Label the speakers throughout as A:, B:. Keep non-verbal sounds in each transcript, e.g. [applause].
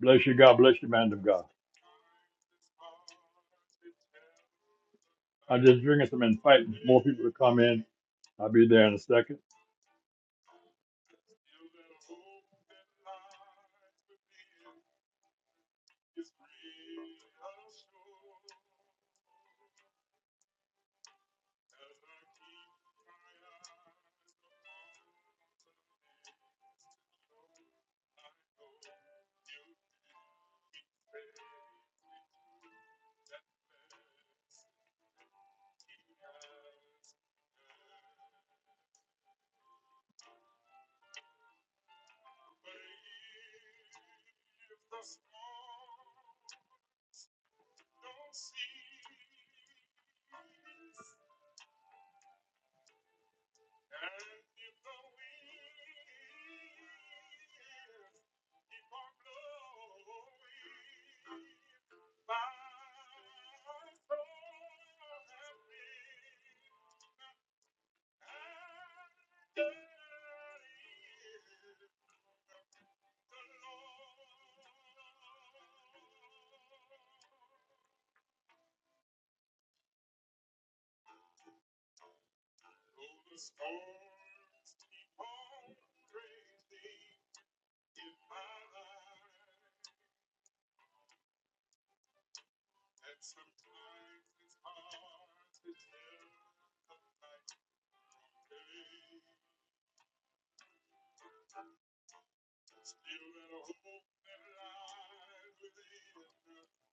A: Bless you. God bless you, man of God. I am just drinking some and fighting more people to come in. I'll be there in a second.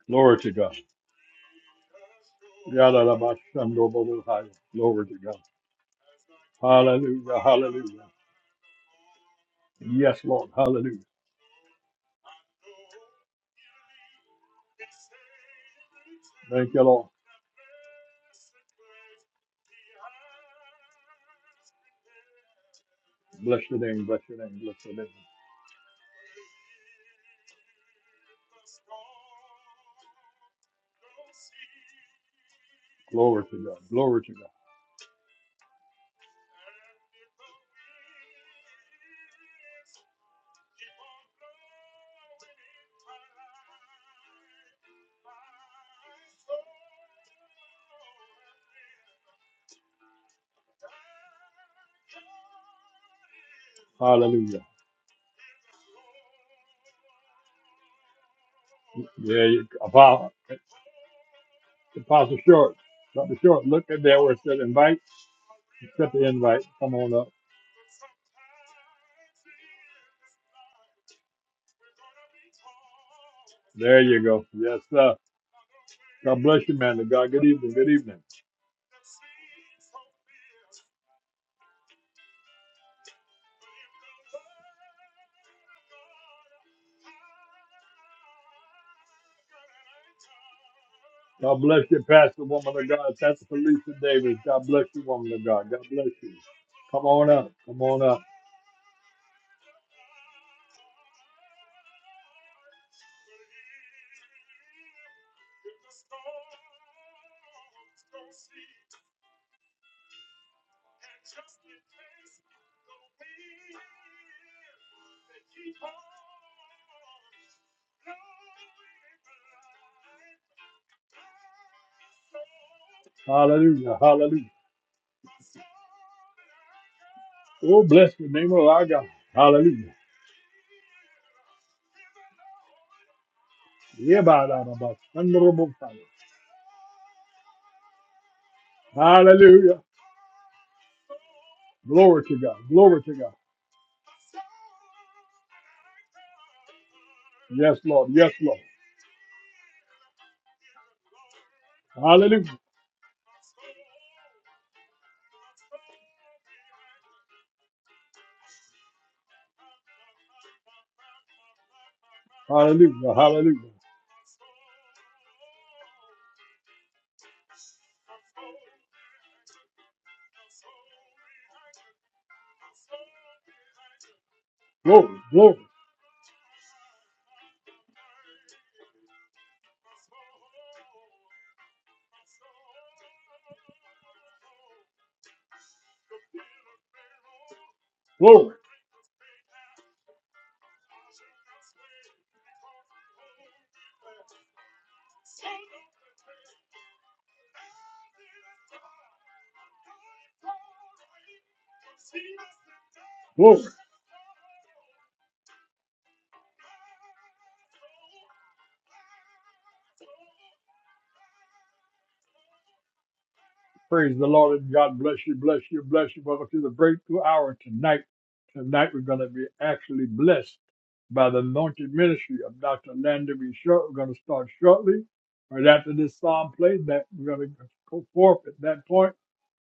A: Glory to God. Shandobabo high. Glory to God. Hallelujah. Yes, Lord. Hallelujah. Thank you, Lord. Bless your name. Bless your name. Bless your name. To God. Glory to God. Hallelujah. Yeah, you- Apostle. Apostle Short. Dr. Short, look at there where it said invite, invite. Come on up. There you go. Yes, sir. of God. Good evening. God bless you, Pastor Woman of God. Pastor Felicia Davis. God bless you, Woman of God. God bless you. Come on up. Come on up. Hallelujah. Hallelujah. Oh, bless the name of our God. Hallelujah. Yeah, by that, about thunderable fire. Hallelujah. Glory to God. Glory to God. Yes, Lord. Yes, Lord. Hallelujah. Hallelujah. Hallelujah. Glory. Glory. Glory. Praise the Lord and God bless you, bless you, bless you. Welcome to the breakthrough hour tonight. Tonight we're going to be actually blessed by the anointed ministry of Dr. Lander B. Short. We're going to start shortly. Right after this psalm plays, that we're going to go forth at that point,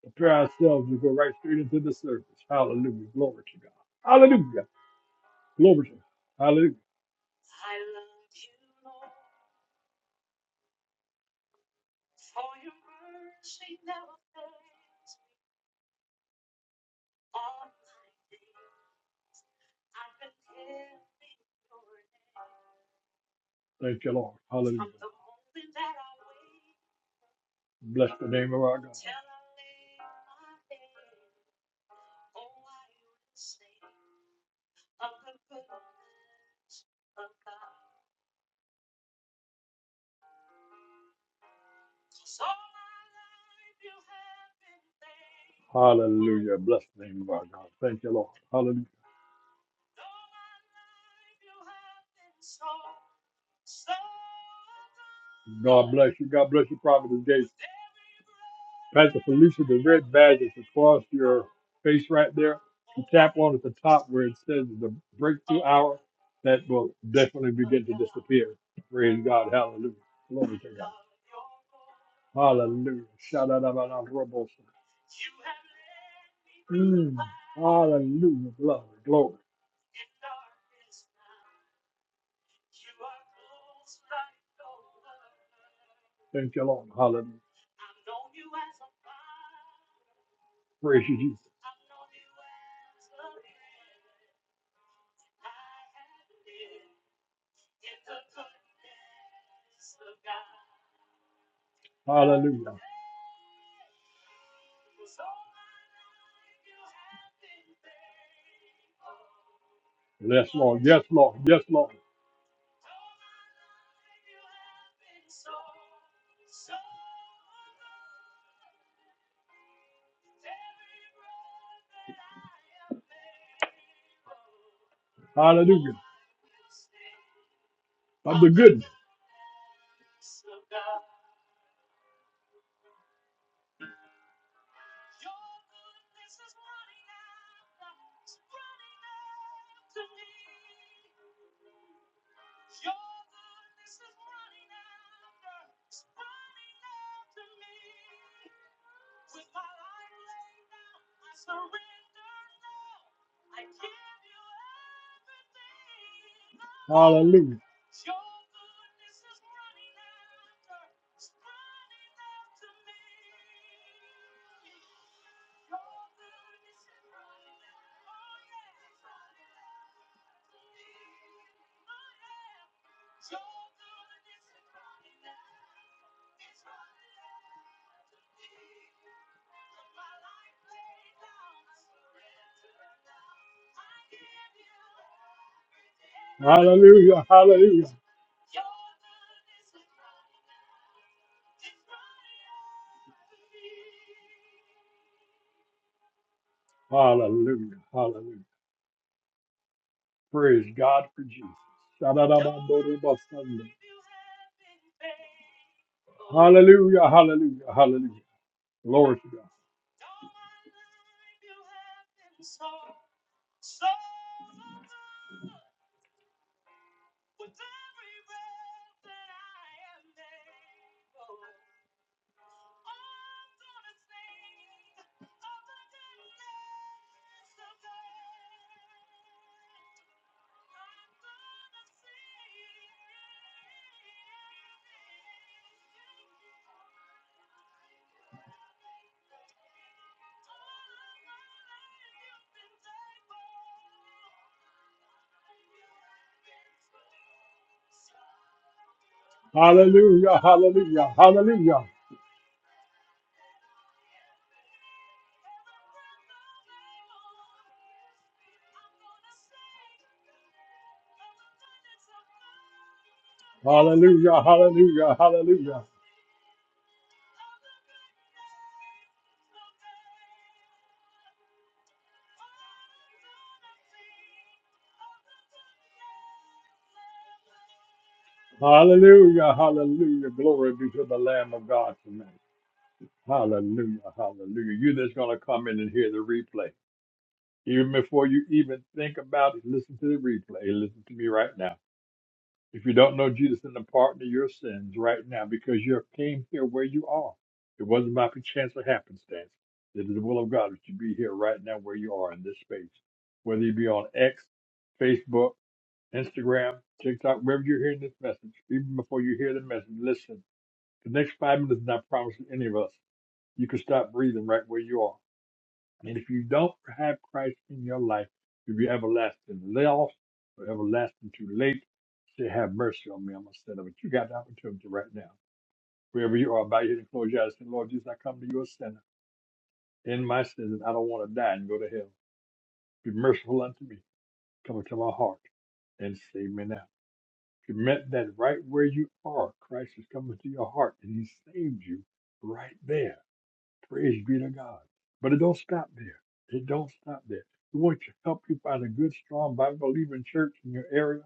A: prepare ourselves to go right straight into the service. Hallelujah. Glory to God. Hallelujah. Glory to God. Hallelujah. Thank you, Lord. Hallelujah. Bless the name of our God. Hallelujah. Bless the name of our God. Thank you, Lord. Hallelujah. Bless you. God bless you, Prophet the Felicia, the red badges across your face right there, one at the top where it says the break, that will definitely be there. Praise God. Hallelujah. Glory. Hallelujah. shout out out out out Hallelujah. Glory. Glory. Thank you, Lord. Hallelujah. Praise you, Jesus. Hallelujah. Yes, Lord. Yes, Lord. Hallelujah. Hallelujah. Hallelujah. Hallelujah. Hallelujah. Praise God for Jesus. Shout-out-out-out-robots. Hallelujah. Hallelujah. Hallelujah. Glory to God. Hallelujah, hallelujah, hallelujah, hallelujah, hallelujah, hallelujah, hallelujah, hallelujah. Glory be to the Lamb of God tonight. Hallelujah, hallelujah. You that's going to come in and hear the replay. Even before you even think about it, listen to the replay. Hey, Listen to me right now. If you don't know Jesus and the pardon of your sins right now, because you came here where you are, it wasn't by chance or happenstance. It is the will of God that you be here right now where you are in this space. Whether you be on X, Facebook, Instagram, TikTok, wherever you're hearing this message, even before you hear the message, listen. The next five minutes is not promised to any of us. You can stop breathing right where you are. And if you don't have Christ in your life, you'll be everlasting lost or everlasting too late. Say, have mercy on me. I'm a sinner. But you got the opportunity right now. Wherever you are, bow your head and close your eyes. and Say, Lord Jesus, I come to you a sinner. In my sins, and I don't want to die and go to hell. Be merciful unto me. Come into my heart and save me now. Commit that right where you are, Christ has come into your heart and He saved you right there. Praise be to God. But it don't stop there. It don't stop there. We want to help you find a good, strong, Bible-believing church in your area.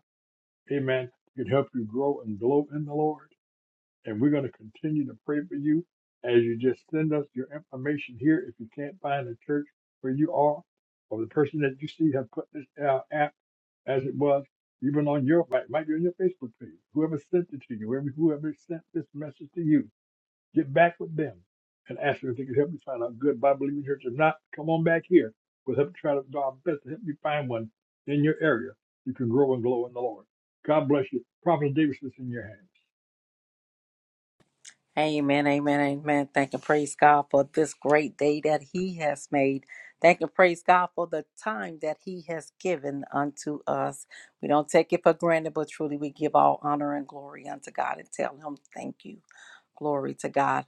A: Amen. It can help you grow and glow in the Lord. And we're going to continue to pray for you as you just send us your information here. If you can't find a church where you are, or the person that you see have put this out as it was even on your right, right there on your Facebook page. Whoever sent it to you, whoever whoever sent this message to you, get back with them and ask them if they can help you find a good Bible believing church. If not, come on back here. We'll help you try to do our best to help you find one in your area. You can grow and glow in the Lord. God bless you. Prophet Davis is in your hands.
B: Amen, amen, amen. Thank and praise God for this great day that He has made. Thank and praise God for the time that He has given unto us. We don't take it for granted, but truly we give all honor and glory unto God and tell Him thank you. Glory to God.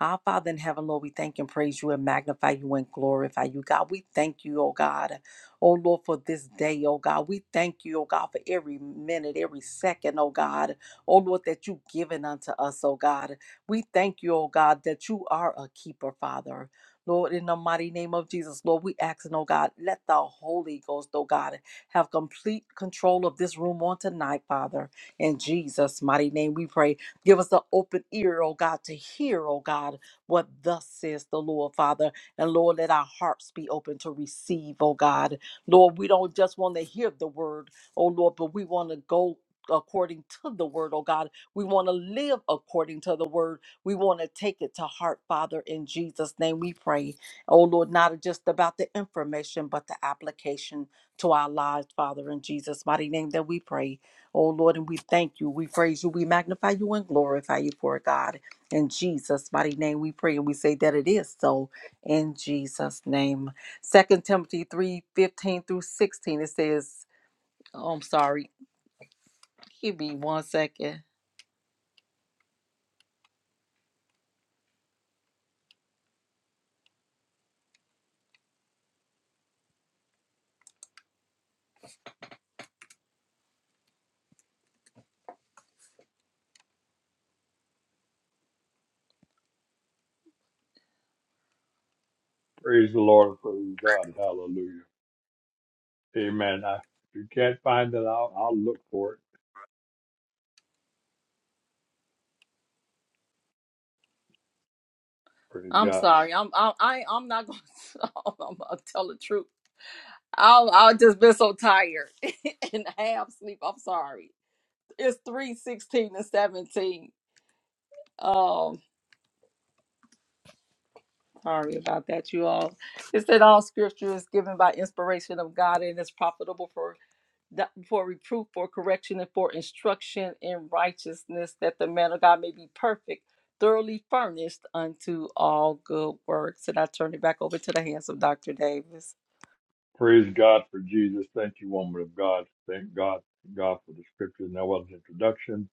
B: Our Father in heaven, Lord, we thank and praise you and magnify you and glorify you, God. We thank you, oh God, oh Lord, for this day, oh God. We thank you, oh God, for every minute, every second, oh God, oh Lord, that you've given unto us, oh God. We thank you, oh God, that you are a keeper, Father. Lord, in the mighty name of Jesus, Lord, we ask, and, oh God, let the Holy Ghost, oh God, have complete control of this room on tonight, Father. In Jesus' mighty name, we pray. Give us an open ear, oh God, to hear, oh God, what thus says the Lord, Father. And Lord, let our hearts be open to receive, oh God. Lord, we don't just want to hear the word, oh Lord, but we want to go according to the word, oh God. We want to live according to the word. We want to take it to heart, Father. In Jesus' name we pray. Oh, Lord, not just about the information, but the application to our lives, Father. In Jesus' mighty name that we pray. Oh, Lord, and we thank you. We praise you. We magnify you and glorify you for it, God. In Jesus' mighty name we pray. And we say that it is so in Jesus' name. Second Timothy three fifteen through 16, it says, oh, I'm sorry. Give me one second.
A: Praise the Lord. Praise God. Hallelujah. Amen. I, if you can't find it, I'll, I'll look for it. Praise
B: I'm
A: God.
B: sorry. I'm I, I I'm not going. to [laughs] I'm gonna tell the truth. I've, I've just been so tired [laughs] and half sleep. I'm sorry. It's three sixteen and 17. Um, sorry about that, you all. It said all scripture is given by inspiration of God and is profitable for do- for reproof, for correction, and for instruction in righteousness, that the man of God may be perfect, thoroughly furnished unto all good works. And I turn it back over to the hands of Dr. Davis.
A: Praise God for Jesus. Thank you, woman of God. Thank God, God for the scriptures. Now, that was an introduction.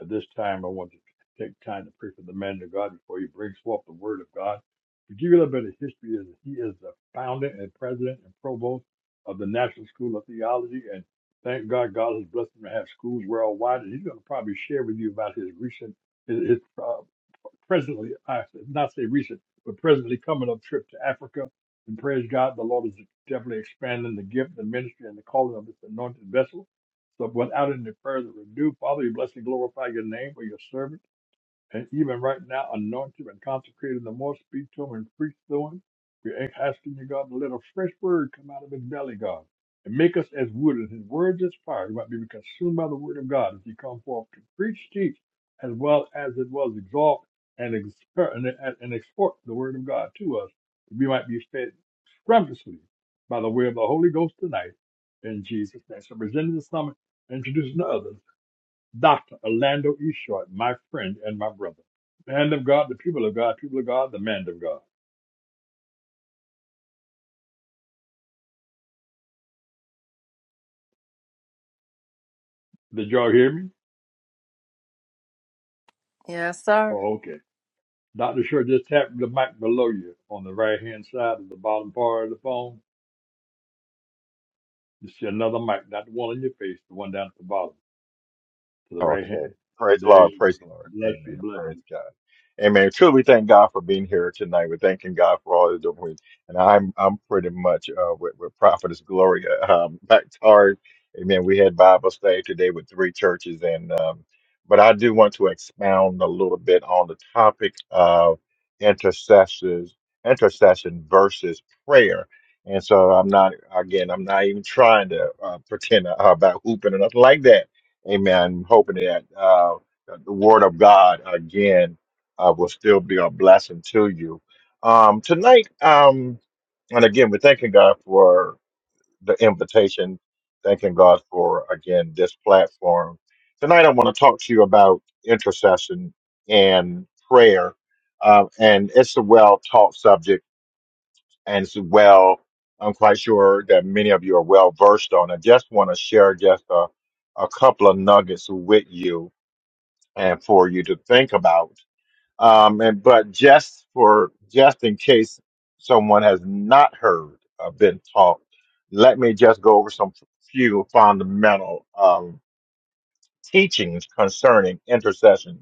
A: At this time, I want to take time to pray for the man of God before he brings forth the word of God. To give you a little bit of history, is he is the founder and president and provost of the National School of Theology. And thank God, God has blessed him to have schools worldwide. And he's going to probably share with you about his recent his, his, uh, presently, I should not say recent, but presently coming up trip to Africa. And praise God, the Lord is definitely expanding the gift, the ministry, and the calling of this anointed vessel. So without any further ado, Father, you bless and glorify your name for your servant and even right now, anoint him and consecrate him the more. Speak to him and preach to him. We're asking you, God, to let a fresh word come out of his belly, God, and make us as wood, and his words as fire. We might be consumed by the word of God as he come forth to preach, teach, as well as it was exalt and, exper- and, and and export the word of God to us. We might be fed scrumptiously by the way of the Holy Ghost tonight in Jesus' name. So presenting the summit, introducing others. Dr. Orlando E. Short, my friend and my brother. Man of God, the people of God, people of God, the man of God. Did y'all hear me?
B: Yes, sir.
A: Oh, okay. Dr. Short just tapped the mic below you on the right hand side of the bottom part of the phone. You see another mic, not the one in your face, the one down at the bottom to the right
C: Okay.
A: hand.
C: Praise the
A: There
C: Lord.
A: you go.
C: Praise the Lord.
A: Bless you,
C: Amen.
A: bless you.
C: Praise God. Amen. Truly, we thank God for being here tonight. We're thanking God for all He's doing. And I'm I'm pretty much uh, with, with Prophetess Gloria [laughs] um, Bactard. Amen. We had Bible study today with three churches, and um, but I do want to expound a little bit on the topic of intercessors, intercession versus prayer. And so I'm not again. I'm not even trying to uh, pretend uh, about hooping or nothing like that Amen. hoping that uh, that the Word of God again uh, will still be a blessing to you um, tonight. Um, and again, we're thanking God for the invitation. Thanking God for again this platform tonight. I want to talk to you about intercession and prayer, uh, and it's a well-taught subject as well, I'm quite sure that many of you are well versed on. I just want to share just a, a couple of nuggets with you and for you to think about. Um, and but just for just in case someone has not heard or been taught, let me just go over some few fundamental um, teachings concerning intercession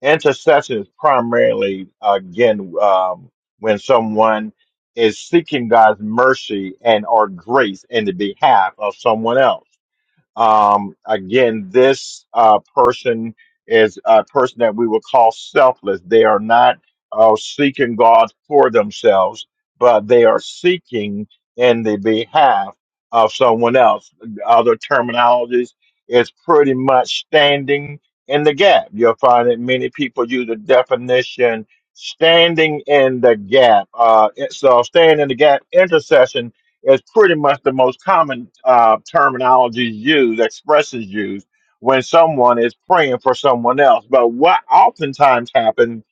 C: Intercession is primarily, again, um, when someone is seeking God's mercy and or grace in the behalf of someone else. Um, again, this uh, person is a person that we would call selfless. They are not uh, seeking God for themselves, but they are seeking in the behalf of someone else. Other terminologies is pretty much standing in the gap. You'll find that many people use the definition standing in the gap. Uh, so, standing in the gap, intercession is pretty much the most common uh, terminology used, expressions used when someone is praying for someone else. But what oftentimes happens,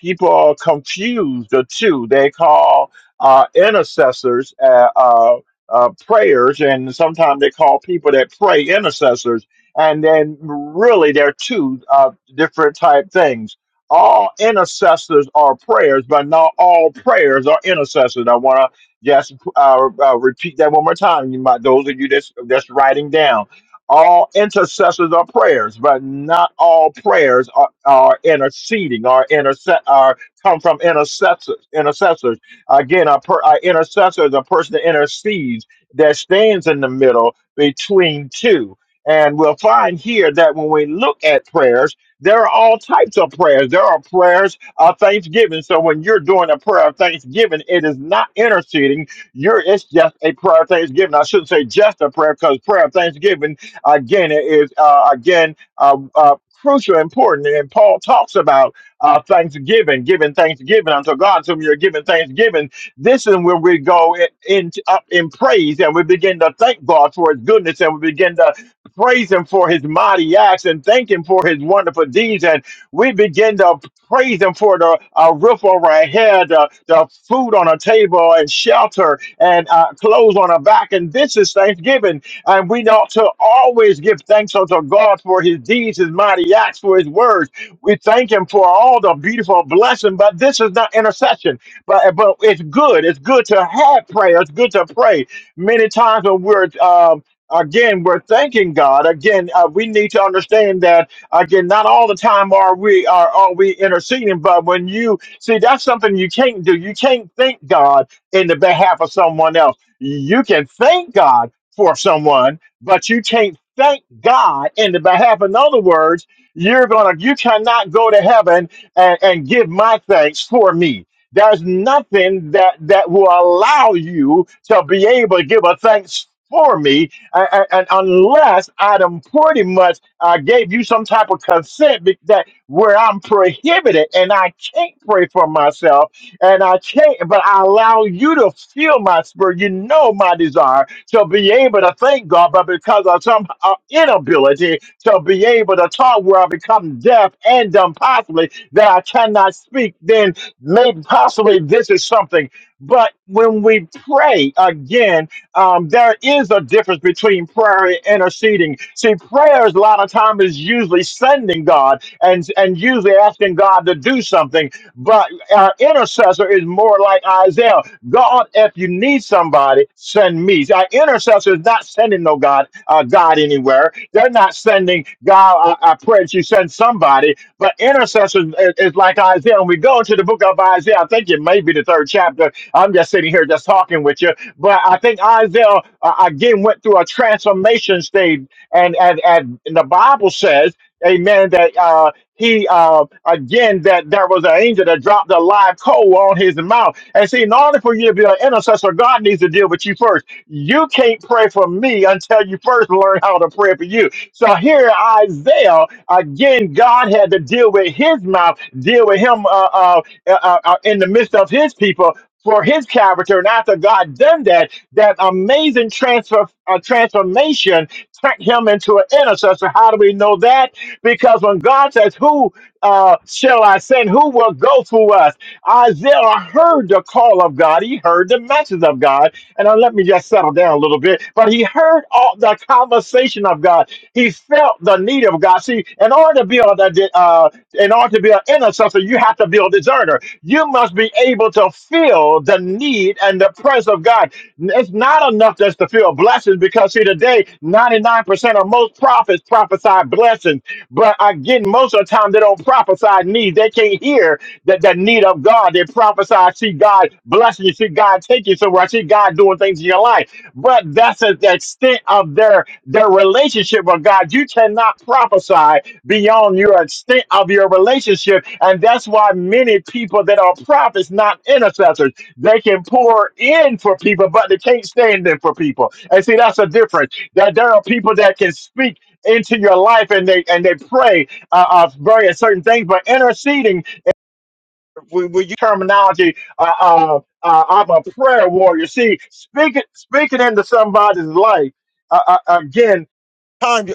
C: people are confused the two. They call uh, intercessors uh, uh, uh, prayers, and sometimes they call people that pray intercessors. And then really, they're two uh, different type things all intercessors are prayers, but not all prayers are intercessors. I want to just uh, uh, repeat that one more time. You might, those of you that's that's writing down. All intercessors are prayers, but not all prayers are, are interceding Are intercept are come from intercessors. Intercessors again, a, per, a intercessor is a person that intercedes that stands in the middle between two. And we'll find here that when we look at prayers, there are all types of prayers. There are prayers of thanksgiving. So when you're doing a prayer of thanksgiving, it is not interceding you're it's just a prayer of thanksgiving. I shouldn't say just a prayer because prayer of thanksgiving again it is uh, again uh, uh, crucial, important, and Paul talks about uh, thanksgiving, giving thanksgiving unto God. So when you're giving thanksgiving, this is where we go in, in up in praise and we begin to thank God for His goodness and we begin to praise Him for His mighty acts and thank Him for His wonderful deeds and we begin to praise Him for the uh, roof over our head, uh, the food on our table, and shelter, and uh, clothes on our back. And this is Thanksgiving. And we ought to always give thanks unto God for His deeds, His mighty acts, for His words. We thank Him for all the beautiful blessing. But this is not intercession. But uh, but it's good. It's good to have prayer. It's good to pray. Many times when we're um, again, we're thanking God. Again, uh, we need to understand that Again, not all the time are we are are we interceding, but when you see that's something you can't do. You can't thank God in the behalf of someone else. You can thank God for someone, but you can't thank God in the behalf. In other words, you're gonna you cannot go to heaven and, and give my thanks for me. There's nothing that that will allow you to be able to give a thanks for me and, and- and unless Adam pretty much uh, gave you some type of consent be- that where I'm prohibited and I can't pray for myself and I can't, but I allow you to feel my spirit. You know my desire to be able to thank God, but because of some uh, inability to be able to talk, where I become deaf and dumb, possibly that I cannot speak, then maybe possibly this is something. But when we pray again um, there is a difference between prayer and interceding. See, prayers a lot of time is usually sending God and and usually asking God to do something. But our intercessor is more like Isaiah. God, if you need somebody, send me. Our intercessor is not sending no God, uh, God anywhere. They're not sending God. I, I pray that you send somebody. But intercessor is, is like Isaiah. When we go into the book of Isaiah, I think it may be the third chapter I'm just sitting here just talking with you. But I think Isaiah uh, again went through a transformation stage, and and and the Bible says, Amen, that uh, he uh, again that there was an angel that dropped a live coal on his mouth. And see, in order for you to be an intercessor, God needs to deal with you first. You can't pray for me until you first learn how to pray for you. So here, Isaiah again, God had to deal with his mouth, deal with him uh, uh, uh, uh, in the midst of his people for his character. And after God done that, that amazing transfer uh, transformation turned him into an intercessor. How do we know that? Because when God says, "Who uh, shall I send? Who will go through us?" Isaiah heard the call of God. He heard the message of God. And uh, let me just settle down a little bit. But he heard all the conversation of God. He felt the need of God. See, in order to be able to, uh, in order to be an intercessor, you have to be a discerner. You must be able to feel the need and the presence of God. It's not enough just to feel blessings because, see, today, 99% of most prophets prophesy blessings. But again, most of the time, they don't prophesy needs. They can't hear that the need of God. They prophesy, see God blessing you, see God take you somewhere, see God doing things in your life. But that's at the extent of their, their relationship with God. You cannot prophesy beyond your extent of your relationship. And that's why many people that are prophets, not intercessors, they can pour in for people, but they can't stand in for people. And see, that's a difference. That there are people that can speak into your life and they and they pray uh, uh various certain things, but interceding we, we use terminology uh, uh, uh, I'm a prayer warrior. See, speaking speaking into somebody's life uh, uh, again Times,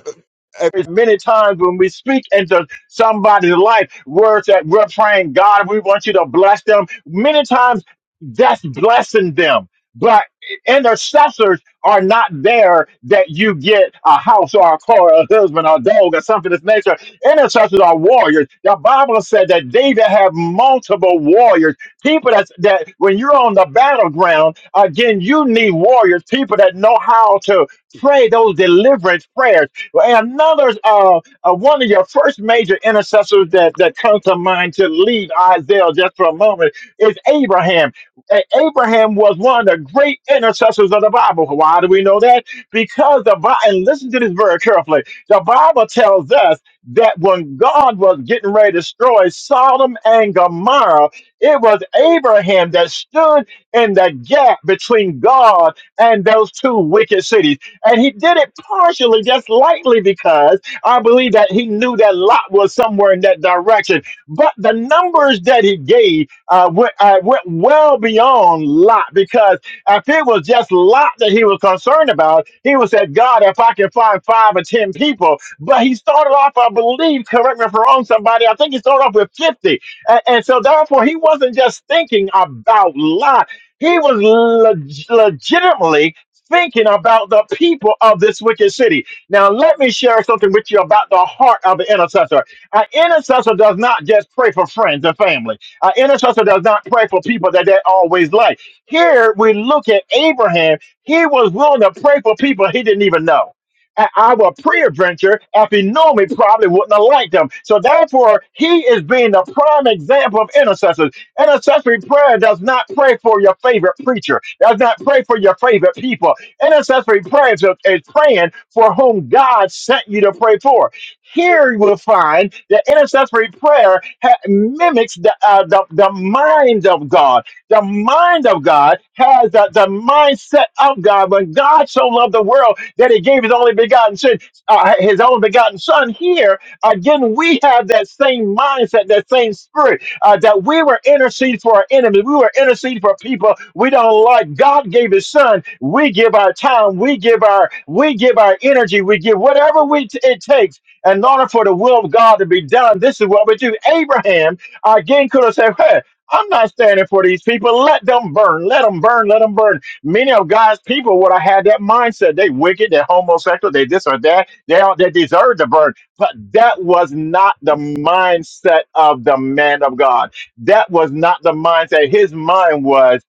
C: there's many times when we speak into somebody's life words that we're praying god we want you to bless them many times that's blessing them but intercessors are not there that you get a house or a car a husband or a dog or something of this nature intercessors are warriors the bible said that david had multiple warriors people that that when you're on the battleground again you need warriors people that know how to Pray those deliverance prayers. And another uh, uh, one of your first major intercessors that, that comes to mind to leave Isaiah just for a moment is Abraham. A- Abraham was one of the great intercessors of the Bible. Why do we know that? Because the Bible, and listen to this very carefully, the Bible tells us that when God was getting ready to destroy Sodom and Gomorrah, it was Abraham that stood in the gap between God and those two wicked cities. And he did it partially, just lightly, because I believe that he knew that Lot was somewhere in that direction. But the numbers that he gave uh, went, uh, went well beyond Lot, because if it was just Lot that he was concerned about, he would say, God, if I can find five or 10 people. But he started off, I believe, correct me if I'm wrong, somebody, I think he started off with 50. And, and so therefore, he wasn't just thinking about Lot. He was leg- legitimately thinking about the people of this wicked city. Now, let me share something with you about the heart of an intercessor. An intercessor does not just pray for friends and family, an intercessor does not pray for people that they always like. Here we look at Abraham, he was willing to pray for people he didn't even know. And our pre-adventure, if he knew me, probably wouldn't have liked him. So therefore, he is being the prime example of intercessors. Intercessory prayer does not pray for your favorite preacher, does not pray for your favorite people. Intercessory prayer is, is praying for whom God sent you to pray for. Here you will find that intercessory prayer ha- mimics the, uh, the, the mind of God. The mind of God has the, the mindset of God. When God so loved the world that he gave his only begotten son, uh, his only begotten son here, again, we have that same mindset, that same spirit uh, that we were interceding for our enemies. We were interceding for people we don't like. God gave His Son. We give our time. We give our we give our energy. We give whatever we t- it takes in order for the will of God to be done. This is what we do. Abraham uh, again could have said, "Hey." I'm not standing for these people. Let them burn. Let them burn. Let them burn. Many of God's people would have had that mindset. They wicked. They homosexual. They this or that. They all, they deserve to burn but that was not the mindset of the man of God. That was not the mindset. His mind was,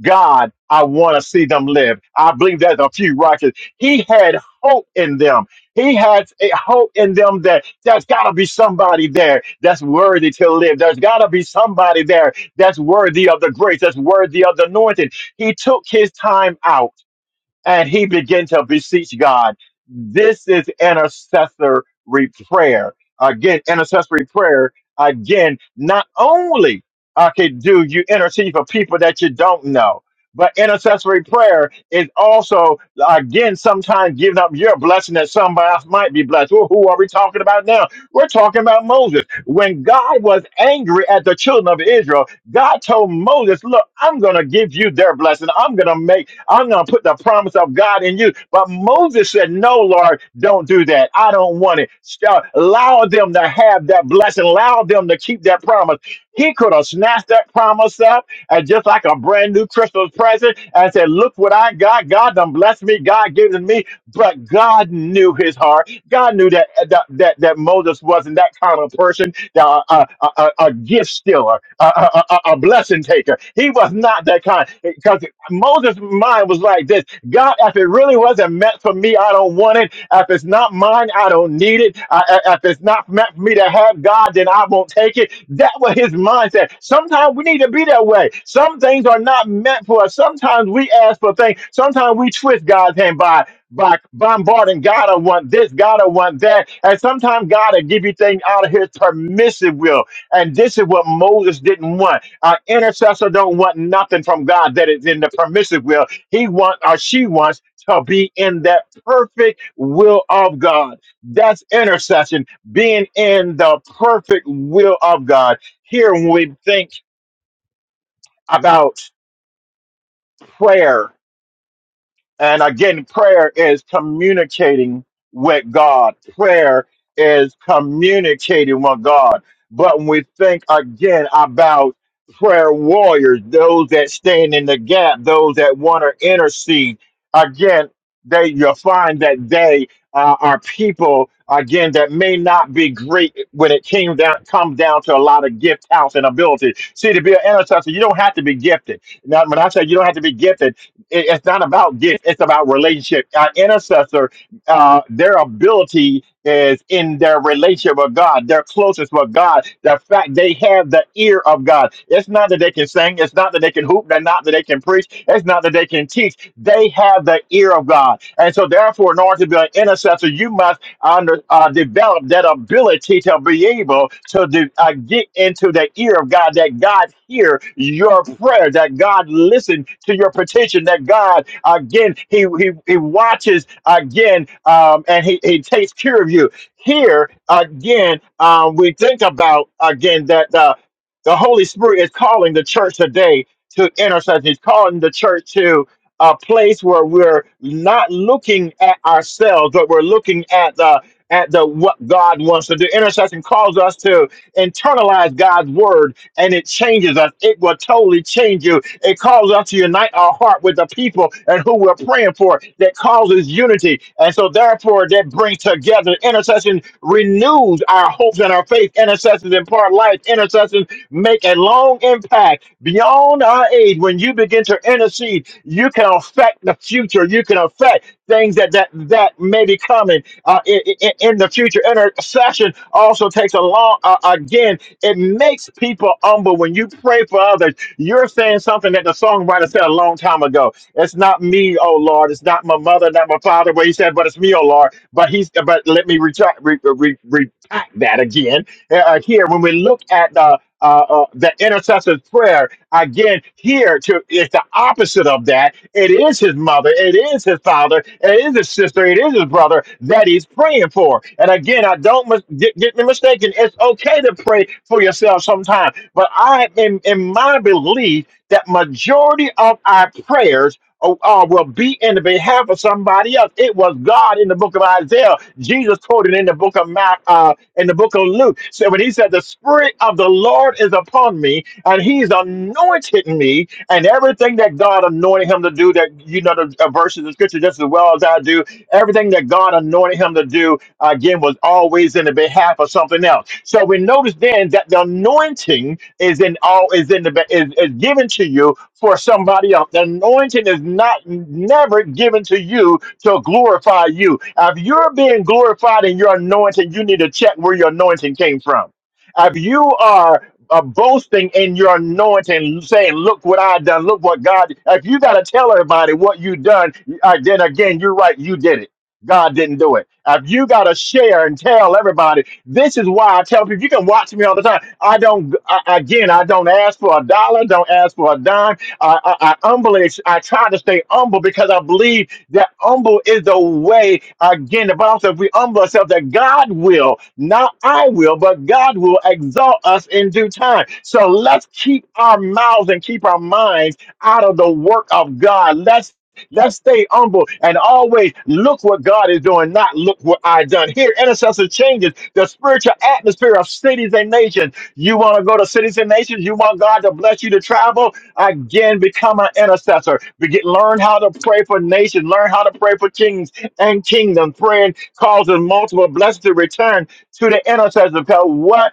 C: God, I want to see them live. I believe there's a few righteous. He had hope in them. He had a hope in them that there's got to be somebody there that's worthy to live. There's got to be somebody there that's worthy of the grace, that's worthy of the anointing. He took his time out and he began to beseech God. This is intercessory prayer. Again, intercessory prayer, again, not only okay, do you intercede for people that you don't know, but intercessory prayer is also, again, sometimes giving up your blessing that somebody else might be blessed. Well, who are we talking about now? We're talking about Moses. When God was angry at the children of Israel, God told Moses, Look, I'm going to give you their blessing. I'm going to make I'm going to put the promise of God in you. But Moses said, No, Lord, don't do that. I don't want it. St- Allow them to have that blessing. Allow them to keep that promise. He could have snatched that promise up and just like a brand new Christmas present and said, Look what I got. God done blessed me. God given me. But God knew his heart. God knew that uh, that, that, that Moses wasn't that kind of person, that, uh, uh, uh, a, a gift stealer, a, a, a, a blessing taker. He was not that kind. Moses' mind was like this God, if it really wasn't meant for me, I don't want it. If it's not mine, I don't need it. I, I- if it's not meant for me to have God, then I won't take it. That was his mindset. Sometimes we need to be that way. Some things are not meant for us. Sometimes we ask for things. Sometimes we twist God's hand by by bombarding God. I want this. God, I want that. And sometimes God will give you things out of His permissive will. And this is what Moses didn't want. An intercessor don't want nothing from God that is in the permissive will. He want or she wants to be in that perfect will of God. That's intercession, being in the perfect will of God. Here, when we think about prayer, And again, prayer is communicating with God. Prayer is communicating with God. But when we think again about prayer warriors, those that stand in the gap, those that want to intercede, again, they you'll find that they uh, are people again that may not be great when it came down comes down to a lot of gift, talents, and ability. See, to be an intercessor, you don't have to be gifted. Now, when I say you don't have to be gifted it- it's not about gifts it's about relationship our intercessor uh, their ability is in their relationship with god their closest with god the fact they have the ear of god it's not that they can sing it's not that they can hoop they're not that they can preach it's not that they can teach they have the ear of god and so therefore in order to be an intercessor you must under, uh, develop that ability to be able to de- uh, get into the ear of God, that God hear your prayer, that God listen to your petition, that God, again, He, he, he watches again um, and he, he takes care of you. Here, again, um, we think about, again, that uh, the Holy Spirit is calling the church today to intercession. He's calling the church to a place where we're not looking at ourselves, but we're looking at the at the what God wants to do. Intercession calls us to internalize God's word and it changes us. It will totally change you. It calls us to unite our heart with the people and who we're praying for that causes unity. And so therefore that brings together intercession renews our hopes and our faith. Intercession impart life. Intercession make a long impact beyond our age. When you begin to intercede, you can affect the future. You can affect things that that, that may be coming uh, in, in, the future. Intercession also takes a long, uh, again, it makes people humble. When you pray for others, you're saying something that the songwriter said a long time ago. It's not me, oh Lord. It's not my mother, not my father. Where he said, but it's me, oh Lord. But he's, but let me retract, re, re, retract that again. Uh, uh, here, when we look at the uh, uh, the intercessor's prayer. Again, here to is the opposite of that. It is his mother, it is his father, it is his sister, it is his brother that he's praying for. And again, I don't mis- get, get me mistaken. It's okay to pray for yourself sometimes, but I in, in my belief that majority of our prayers or, or will be in the behalf of somebody else. It was God in the book of Isaiah. Jesus quoted in the book of Mark, uh, in the book of Luke. So when he said, "The Spirit of the Lord is upon me, and He's anointed me," and everything that God anointed him to do, that you know the uh, verses of Scripture just as well as I do. Everything that God anointed him to do, again, was always in the behalf of something else. So we notice then that the anointing is in all is in the be- is, is given to you for somebody else. The anointing is not never given to you to glorify you. If you're being glorified in your anointing, you need to check where your anointing came from. If you are uh, boasting in your anointing, saying, "Look what I done! Look what God!" If you got to tell everybody what you done, uh, then again, you're right. You did it. God didn't do it. If you got to share and tell everybody, this is why I tell people. You can watch me all the time. I don't. I, again, I don't ask for a dollar. Don't ask for a dime. I, I, I humbly. I try to stay humble because I believe that humble is the way, again, the Bible says, if we humble ourselves, that God will, not I will, but God will exalt us in due time. So let's keep our mouths and keep our minds out of the work of God. Let's Let's stay humble and always look what God is doing, not look what I done. Here, intercessor changes the spiritual atmosphere of cities and nations. You want to go to cities and nations? You want God to bless you to travel? Again, become an intercessor. Begin, learn how to pray for nations. Learn how to pray for kings and kingdom. Praying causes multiple blessings to return to the intercessor. Because what?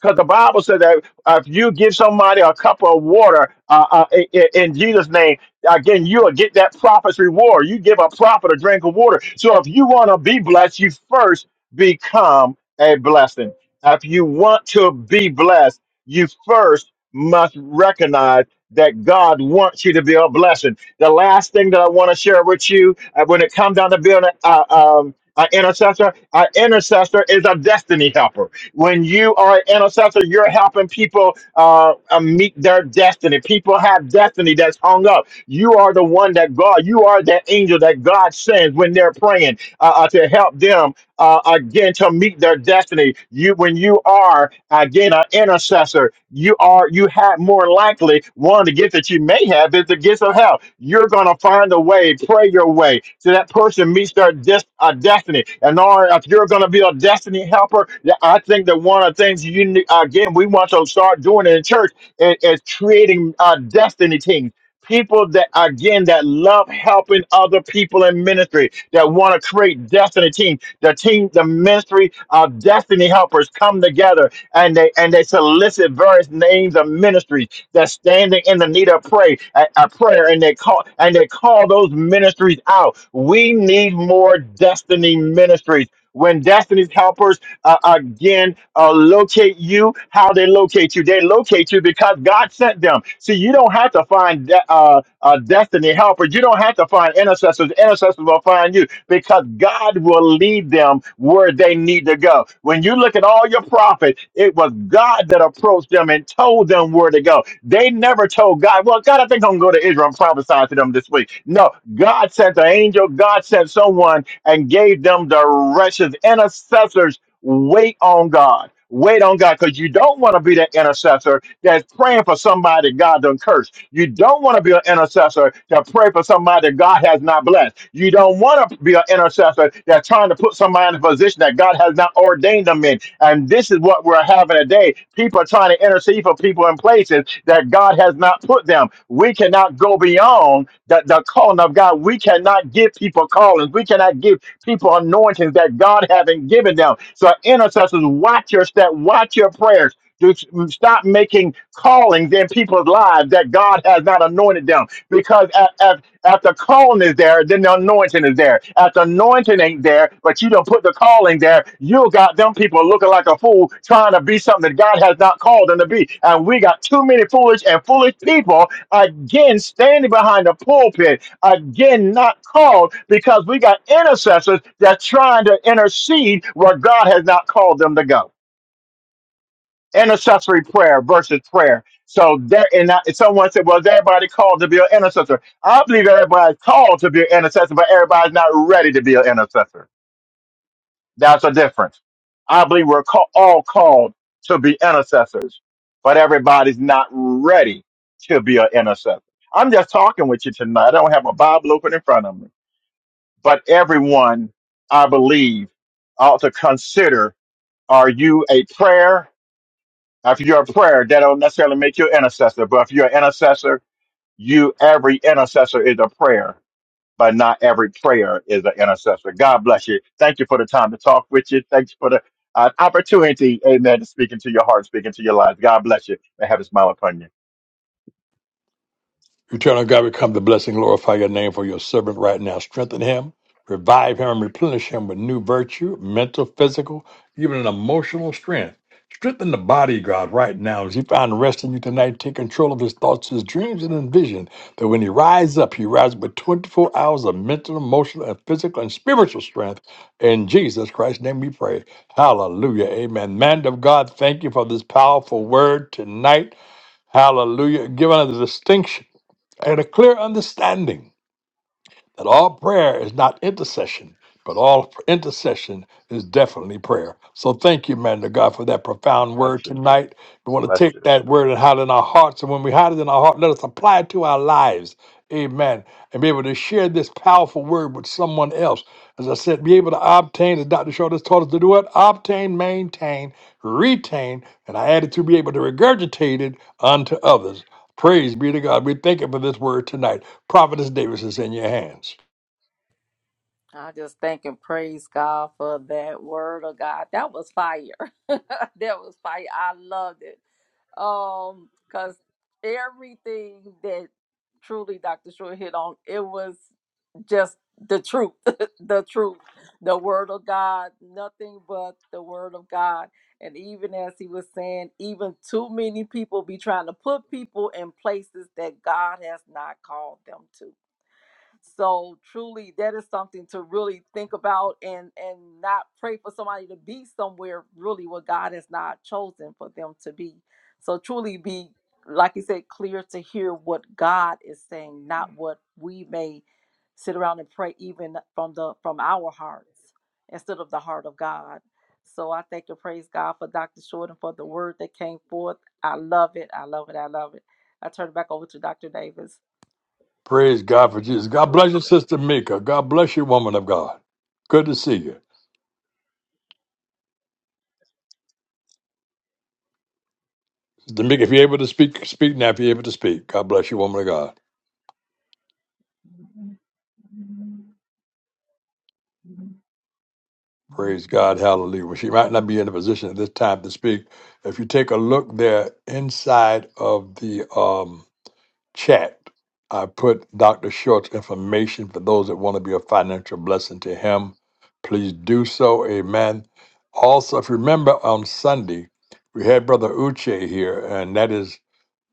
C: Because the Bible says that uh, if you give somebody a cup of water uh, uh, i- i- in Jesus' name, again, you'll get that prophet's reward. You give a prophet a drink of water. So if you want to be blessed, you first become a blessing. If you want to be blessed, you first must recognize that God wants you to be a blessing. The last thing that I want to share with you uh, when it comes down to being a, uh, um, an intercessor, an intercessor is a destiny helper. When you are an intercessor, you're helping people uh, uh, meet their destiny. People have destiny that's hung up. You are the one that God, you are that angel that God sends when they're praying uh, uh, to help them uh, again to meet their destiny. You, when you are again an intercessor, you are you have more likely one of the gifts that you may have is the gift of help. You're gonna find a way, pray your way, so that person meets their des- uh, destiny. And or if you're gonna be a destiny helper, that- I think that one of the things you ne- again we want to start doing in church is, is creating uh, destiny teams people that again that love helping other people in ministry that want to create destiny teams. The team, the ministry of destiny helpers come together and they and they solicit various names of ministries that's standing in the need of pray a, a prayer and they call and they call those ministries out. We need more destiny ministries. When destiny's helpers uh, again uh, locate you, how they locate you, they locate you because God sent them. See, you don't have to find de- uh, uh, destiny destiny helpers. You don't have to find intercessors. Intercessors will find you because God will lead them where they need to go. When you look at all your prophets, it was God that approached them and told them where to go. They never told God, well, God, I think I'm going to go to Israel and prophesy to them this week. No, God sent an angel. God sent someone and gave them directions. Intercessors Wait on God. Wait on God because you don't want to be that intercessor that's praying for somebody God done cursed. You don't want to be an intercessor that pray for somebody that God has not blessed. You don't want to be an intercessor that's trying to put somebody in a position that God has not ordained them in. And this is what we're having today. People are trying to intercede for people in places that God has not put them. We cannot go beyond the, the calling of God. We cannot give people callings. We cannot give people anointings that God haven't given them. So intercessors, watch your step, watch your prayers. Do stop making callings in people's lives that God has not anointed them. Because at, at, at the calling is there, then the anointing is there. At the anointing ain't there, but you don't put the calling there. You got them people looking like a fool trying to be something that God has not called them to be. And we got too many foolish and foolish people again standing behind the pulpit again not called because we got intercessors that's trying to intercede where God has not called them to go. Intercessory prayer versus prayer. So there, and I, someone said, "Well, is everybody called to be an intercessor?" I believe everybody's called to be an intercessor, but everybody's not ready to be an intercessor. That's a difference. I believe we're call, all called to be intercessors, but everybody's not ready to be an intercessor. I'm just talking with you tonight. I don't have a Bible open in front of me. but everyone, I believe, ought to consider are you a prayer? If you're a prayer, that don't necessarily make you an intercessor, but if you're an intercessor, you every intercessor is a prayer, but not every prayer is an intercessor. God bless you. Thank you for the time to talk with you. Thank you for the uh, opportunity, amen, to speak into your heart, speak into your lives. God bless you and have a smile upon you.
A: Eternal God, we come to bless and glorify your name for your servant right now. Strengthen him, revive him, and replenish him with new virtue, mental, physical, even an emotional strength. Strengthen the body, God, right now. As he found rest in you tonight, take control of his thoughts, his dreams, and his vision. That when he rises up, he rises with 24 hours of mental, emotional, and physical and spiritual strength. In Jesus Christ's name we pray. Hallelujah. Amen. Man of God, thank you for this powerful word tonight. Hallelujah. Given a distinction and a clear understanding that all prayer is not intercession, but all intercession is definitely prayer. So thank you, man to God, for that profound
C: Bless
A: word
C: you.
A: tonight. We want to
C: Bless
A: take
C: you.
A: that word and hide it in our hearts. And when we hide it in our heart, let us apply it to our lives. Amen. And be able to share this powerful word with someone else. As I said, be able to obtain, as Dr. Short has taught us to do it, obtain, maintain, retain, and I added to be able to regurgitate it unto others. Praise be to God. We thank you for this word tonight. Prophetess Davis is in your hands.
B: I just thank and praise God for that word of God. That was fire. [laughs] that was fire. I loved it. Um, because everything that truly Dr. Short hit on, it was just the truth. [laughs] the truth. The word of God. Nothing but the word of God. And even as he was saying, even too many people be trying to put people in places that God has not called them to so truly, that is something to really think about and and not pray for somebody to be somewhere really where God has not chosen for them to be. So truly, be like you said, clear to hear what God is saying, not what we may sit around and pray even from the from our hearts instead of the heart of God. So I thank and praise God for Dr. Short and for the word that came forth. I love it. I love it. I love it. I turn it back over to Dr. Davis.
A: Praise God for Jesus. God
C: Bless
A: bless you,
C: you.
A: Sister Mika. God bless you, woman of God. Good to see you. Sister Mika, if you're able to speak, speak now if you're able to speak. God bless you, woman of God. Praise God. Hallelujah. Well, she might not be in a position at this time to speak. If you take a look there inside of the um chat, I put Dr. Short's information for those that want to be a financial blessing to him. Please do so. Amen. Also, if you remember on Sunday, we had Brother Uche here, and that is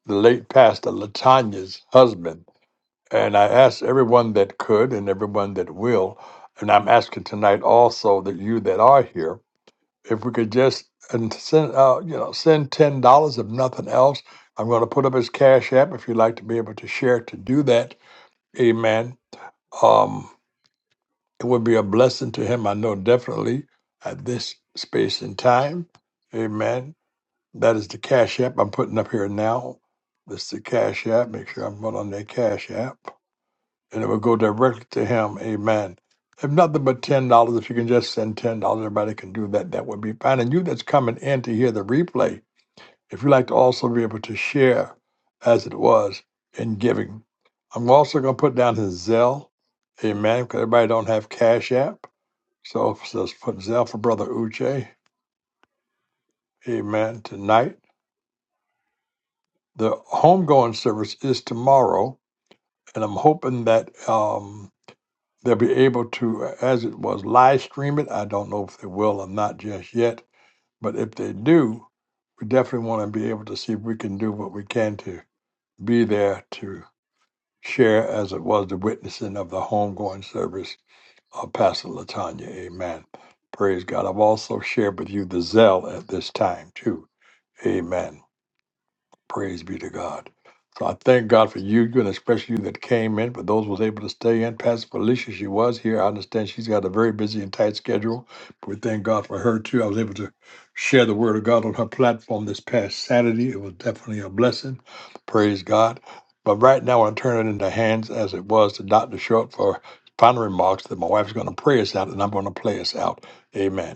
A: the late pastor Latanya's husband. And I asked everyone that could and everyone that will, and I'm asking tonight also that you that are here if we could just and send out, you know, send ten dollars if nothing else. I'm going to put up his cash app if you'd like to be able to share to do that. Amen. Um, it would be a blessing to him, I know definitely at this space and time. Amen. That is the cash app I'm putting up here now. This is the cash app. Make sure I'm put on that cash app and it will go directly to him. Amen. If nothing but ten dollars, if you can just send ten dollars, everybody can do that. That would be fine. And you that's coming in to hear the replay, if you like to also be able to share as it was in giving. I'm also gonna put down his Zelle, amen, because everybody don't have Cash App. So just put Zelle for Brother Uche, amen, tonight. The homegoing service is tomorrow, and I'm hoping that um. They'll be able to, uh, as it was, live stream it. I don't know if they will or not just yet, but if they do, we definitely want to be able to see if we can do what we can to be there to share, as it was, the witnessing of the homegoing service of Pastor Latanya. Amen. Praise God. I've also shared with you the zeal at this time, too. Amen. Praise be to God. So I thank God for you, you and especially you that came in, for those who was able to stay in. Pastor Felicia, she was here. I understand she's got a very busy and tight schedule. But we thank God for her too. I was able to share the word of God on her platform this past Saturday. It was definitely a blessing. Praise God. But right now I turn it into hands as it was to Dr. Short for final remarks that my wife's gonna pray us out and I'm gonna play us out. Amen.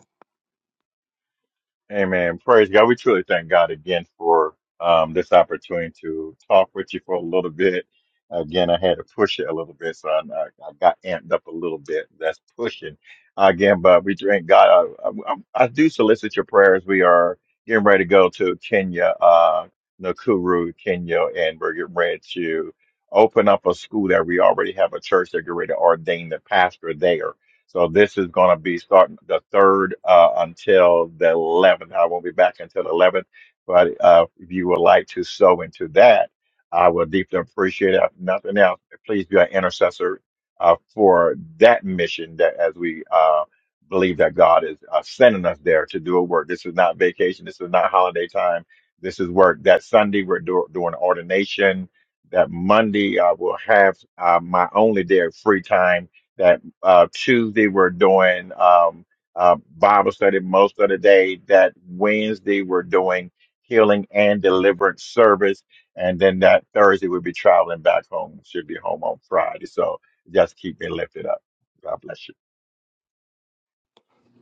C: Amen. Praise God. We truly thank God again for um, this opportunity to talk with you for a little bit. Again, I had to push it a little bit, so I, I I got amped up a little bit. That's pushing. Again, but we thank God. I, I, I do solicit your prayers. We are getting ready to go to Kenya, uh, Nakuru, Kenya, and we're getting ready to open up a school that we already have a church that get ready to ordain the pastor there so this is going to be starting the third uh, until the 11th. I won't be back until the 11th, but uh, if you would like to sow into that, I would deeply appreciate it. If nothing else, please be an intercessor uh, for that mission. That as we uh, believe that God is uh, sending us there to do a work. This is not vacation. This is not holiday time. This is work. That Sunday we're do- doing ordination. That Monday I will have uh, my only day of free time That uh, Tuesday we're doing um, uh, Bible study most of the day. That Wednesday we're doing healing and deliverance service, and then that Thursday we'll be traveling back home. Should be home on Friday. So just keep me lifted up. God bless you.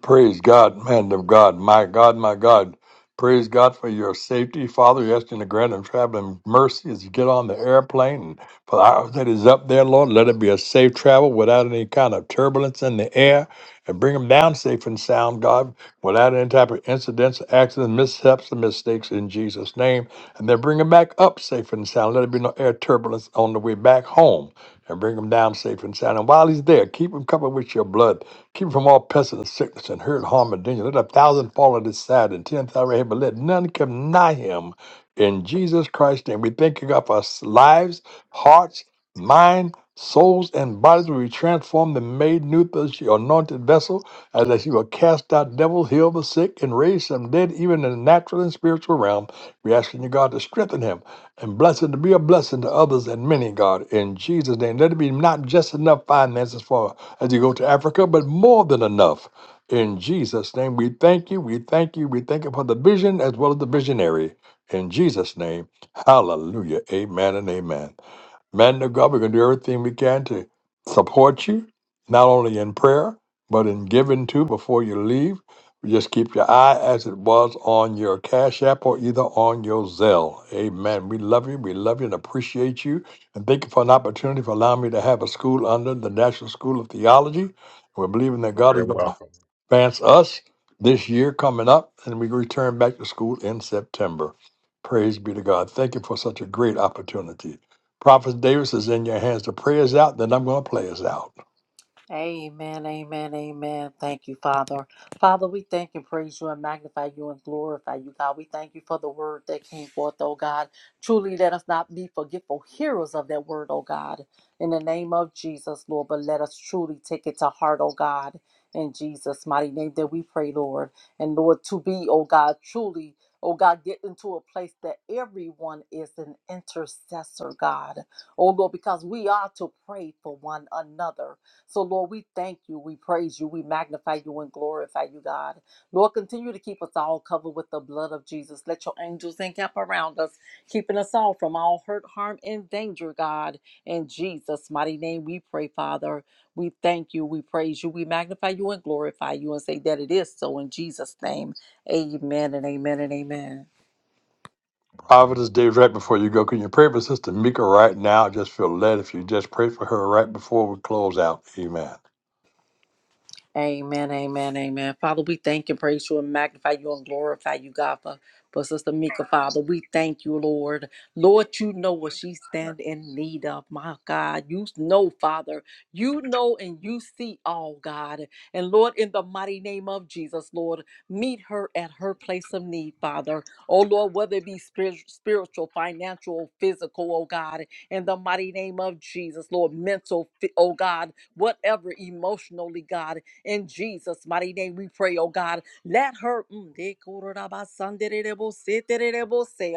A: Praise God, man of God, my God, my God. Praise God for your safety, Father. You're asking to grant them traveling mercy as you get on the airplane. And for the hours that is up there, Lord, let it be a safe travel without any kind of turbulence in the air. And bring them down safe and sound, God, without any type of incidents, accidents, mishaps, and mistakes in Jesus' name. And then bring them back up safe and sound. Let it be no air turbulence on the way back home. And bring them down safe and sound. And while he's there, keep him covered with your blood. Keep from all pestilence, sickness, and hurt, harm, and danger. Let a thousand fall at his side and ten thousand right hand, but let none come nigh him. In Jesus Christ's name, we thank you, God, for our lives, hearts, mind, souls, and bodies. We transformed and made new through your anointed vessel, as that you will cast out devils, heal the sick, and raise some dead, even in the natural and spiritual realm. We ask you, God, to strengthen him and bless him to be a blessing to others and many, God. In Jesus' name, let it be not just enough finances for as you go to Africa, but more than enough. In Jesus' name, we thank you, we thank you, we thank you for the vision as well as the visionary. In Jesus' name, hallelujah, amen and amen. Man of God, we're going to do everything we can to support you, not only in prayer, but in giving too before you leave. Just keep your eye as it was on your Cash App or either on your Zelle. Amen. We love you. We love you and appreciate you. And thank you for an opportunity for allowing me to have a school under the National School of Theology. We're believing that
C: More
A: God is
C: than
A: going to
C: welcome.
A: advance us this year coming up, and we return back to school in September. Praise be to God. Thank you for such a great opportunity. Prophet Davis is in your hands. The prayer is out, then I'm going to play us out.
B: Amen, amen, amen. Thank you, Father. Father, we thank and praise you and magnify you and glorify you, God. We thank you for the word that came forth, oh God. Truly, let us not be forgetful hearers of that word, oh God. In the name of Jesus, Lord, but let us truly take it to heart, oh God. In Jesus' mighty name that we pray, Lord. And Lord, to be, oh God, truly, oh God, get into a place that everyone is an intercessor, God. Oh Lord, because we are to pray for one another. So, Lord, we thank you, we praise you, we magnify you, and glorify you, God. Lord, continue to keep us all covered with the blood of Jesus. Let your angels encamp around us, keeping us all from all hurt, harm, and danger, God. In Jesus' mighty name, we pray, Father. We thank you, we praise you, we magnify you, and glorify you, and say that it is so in Jesus' name. Amen and amen and amen.
A: Prophet
C: Amen.
A: Davis, right before you go, can you pray for Sister Mika right now? I just feel led if you just pray for her right before we close out. Amen.
B: Amen, amen, amen. Father, we thank and praise you and magnify you and glorify you, God, for, for Sister Mika, Father. We thank you, Lord. Lord, you know what she stand in need of, my God. You know, Father. You know and you see all, God. And Lord, in the mighty name of Jesus, Lord, meet her at her place of need, Father. Oh, Lord, whether it be spir- spiritual, financial, physical, oh, God, in the mighty name of Jesus, Lord, mental, fi- oh, God, whatever, emotionally, God. In Jesus' mighty name, we pray, oh God. Let her, mm, de kororabasandedebose,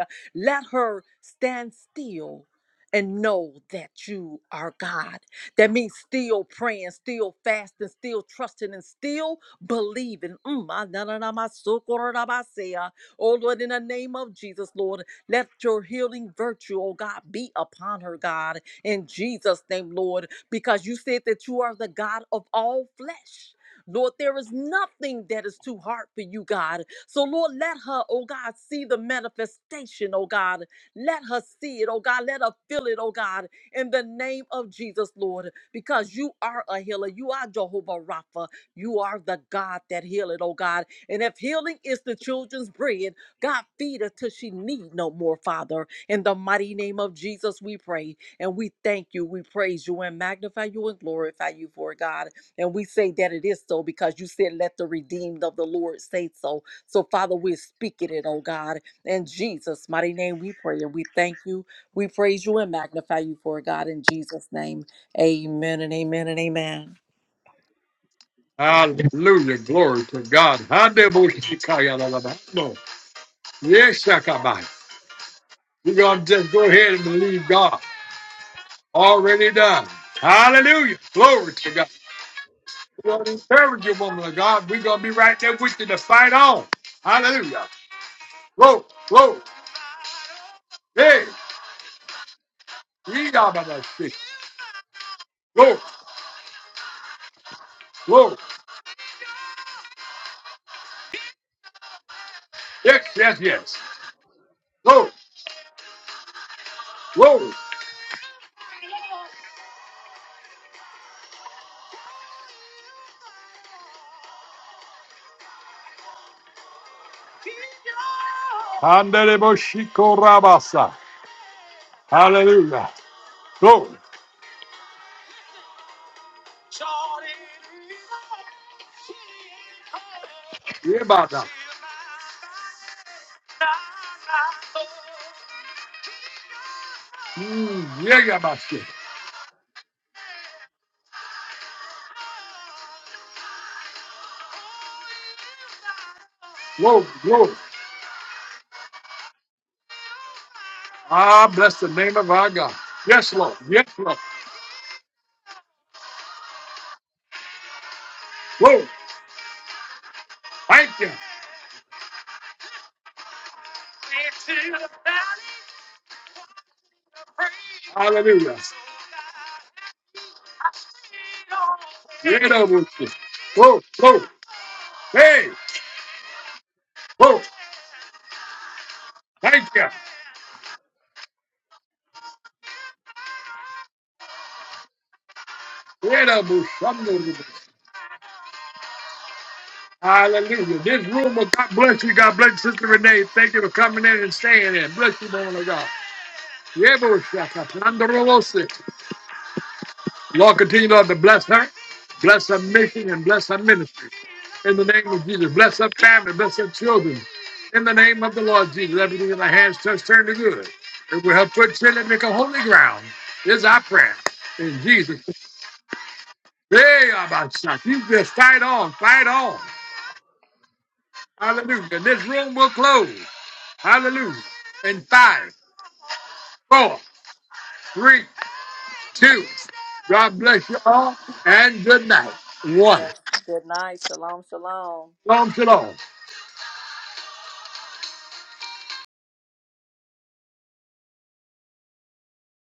B: uh, let her stand still. And know that you are God. That means still praying, still fasting, still trusting, and still believing. Mm, ah, na, na, na, ma, so, kororabase, uh, Oh Lord, in the name of Jesus, Lord, let your healing virtue, oh God, be upon her, God, in Jesus' name, Lord, because you said that you are the God of all flesh. Lord, there is nothing that is too hard for you, God. So, Lord, let her, oh God, see the manifestation, oh God. Let her see it, oh God. Let her feel it, oh God, in the name of Jesus, Lord, because you are a healer. You are Jehovah Rapha. You are the God that healeth, oh God. And if healing is the children's bread, God, feed her till she need no more, Father. In the mighty name of Jesus, we pray and we thank you. We praise you and magnify you and glorify you for it, God. And we say that it is so because you said, Let the redeemed of the Lord say so. So, Father, we're speaking it, oh God. In Jesus' mighty name, we pray and we thank you. We praise you and magnify you for it, God. In Jesus' name, amen and amen and amen. Yes.
A: Hallelujah. Glory to God. Hallelujah. Yes, Shakabai. We're going to just go ahead and believe God. Already done. Hallelujah. Glory to God. We're going to encourage you, woman of God. We're going to be right there with you to fight on. Hallelujah. Glory, glory. Hey, we got about to Glory, glory. Yes, yes, yes. Glory, glory. Handele Boshiko Rabasa. Hallelujah. Glory. Yebada. Mm, yeah, Yabasha. Glory, glory. Ah, bless the name of our God. Yes, Lord. Yes, Lord. Lord, thank you. Hallelujah. Get up with you. Whoa, whoa. Hey, whoa. Thank you. Get up with somebody. Hallelujah. This room will God bless you. God bless you, Sister Renee. Thank you for coming in and staying in. Bless you, woman of God. Yeah, boy, shaka, planda, robosi. Lord, continue Lord, to bless her, bless her mission, and bless her ministry. in the name of Jesus. Bless her family, bless her children. In the name of the Lord Jesus, everything in the hands touch turn to good. It will help put children make a holy ground. This is our prayer. In Jesus. Hey, Abashak. You just fight on, fight on. Hallelujah. This room will close. Hallelujah. In five, four, three, two. God bless you all and good night. One.
B: Good night. Shalom, shalom.
A: Shalom, shalom.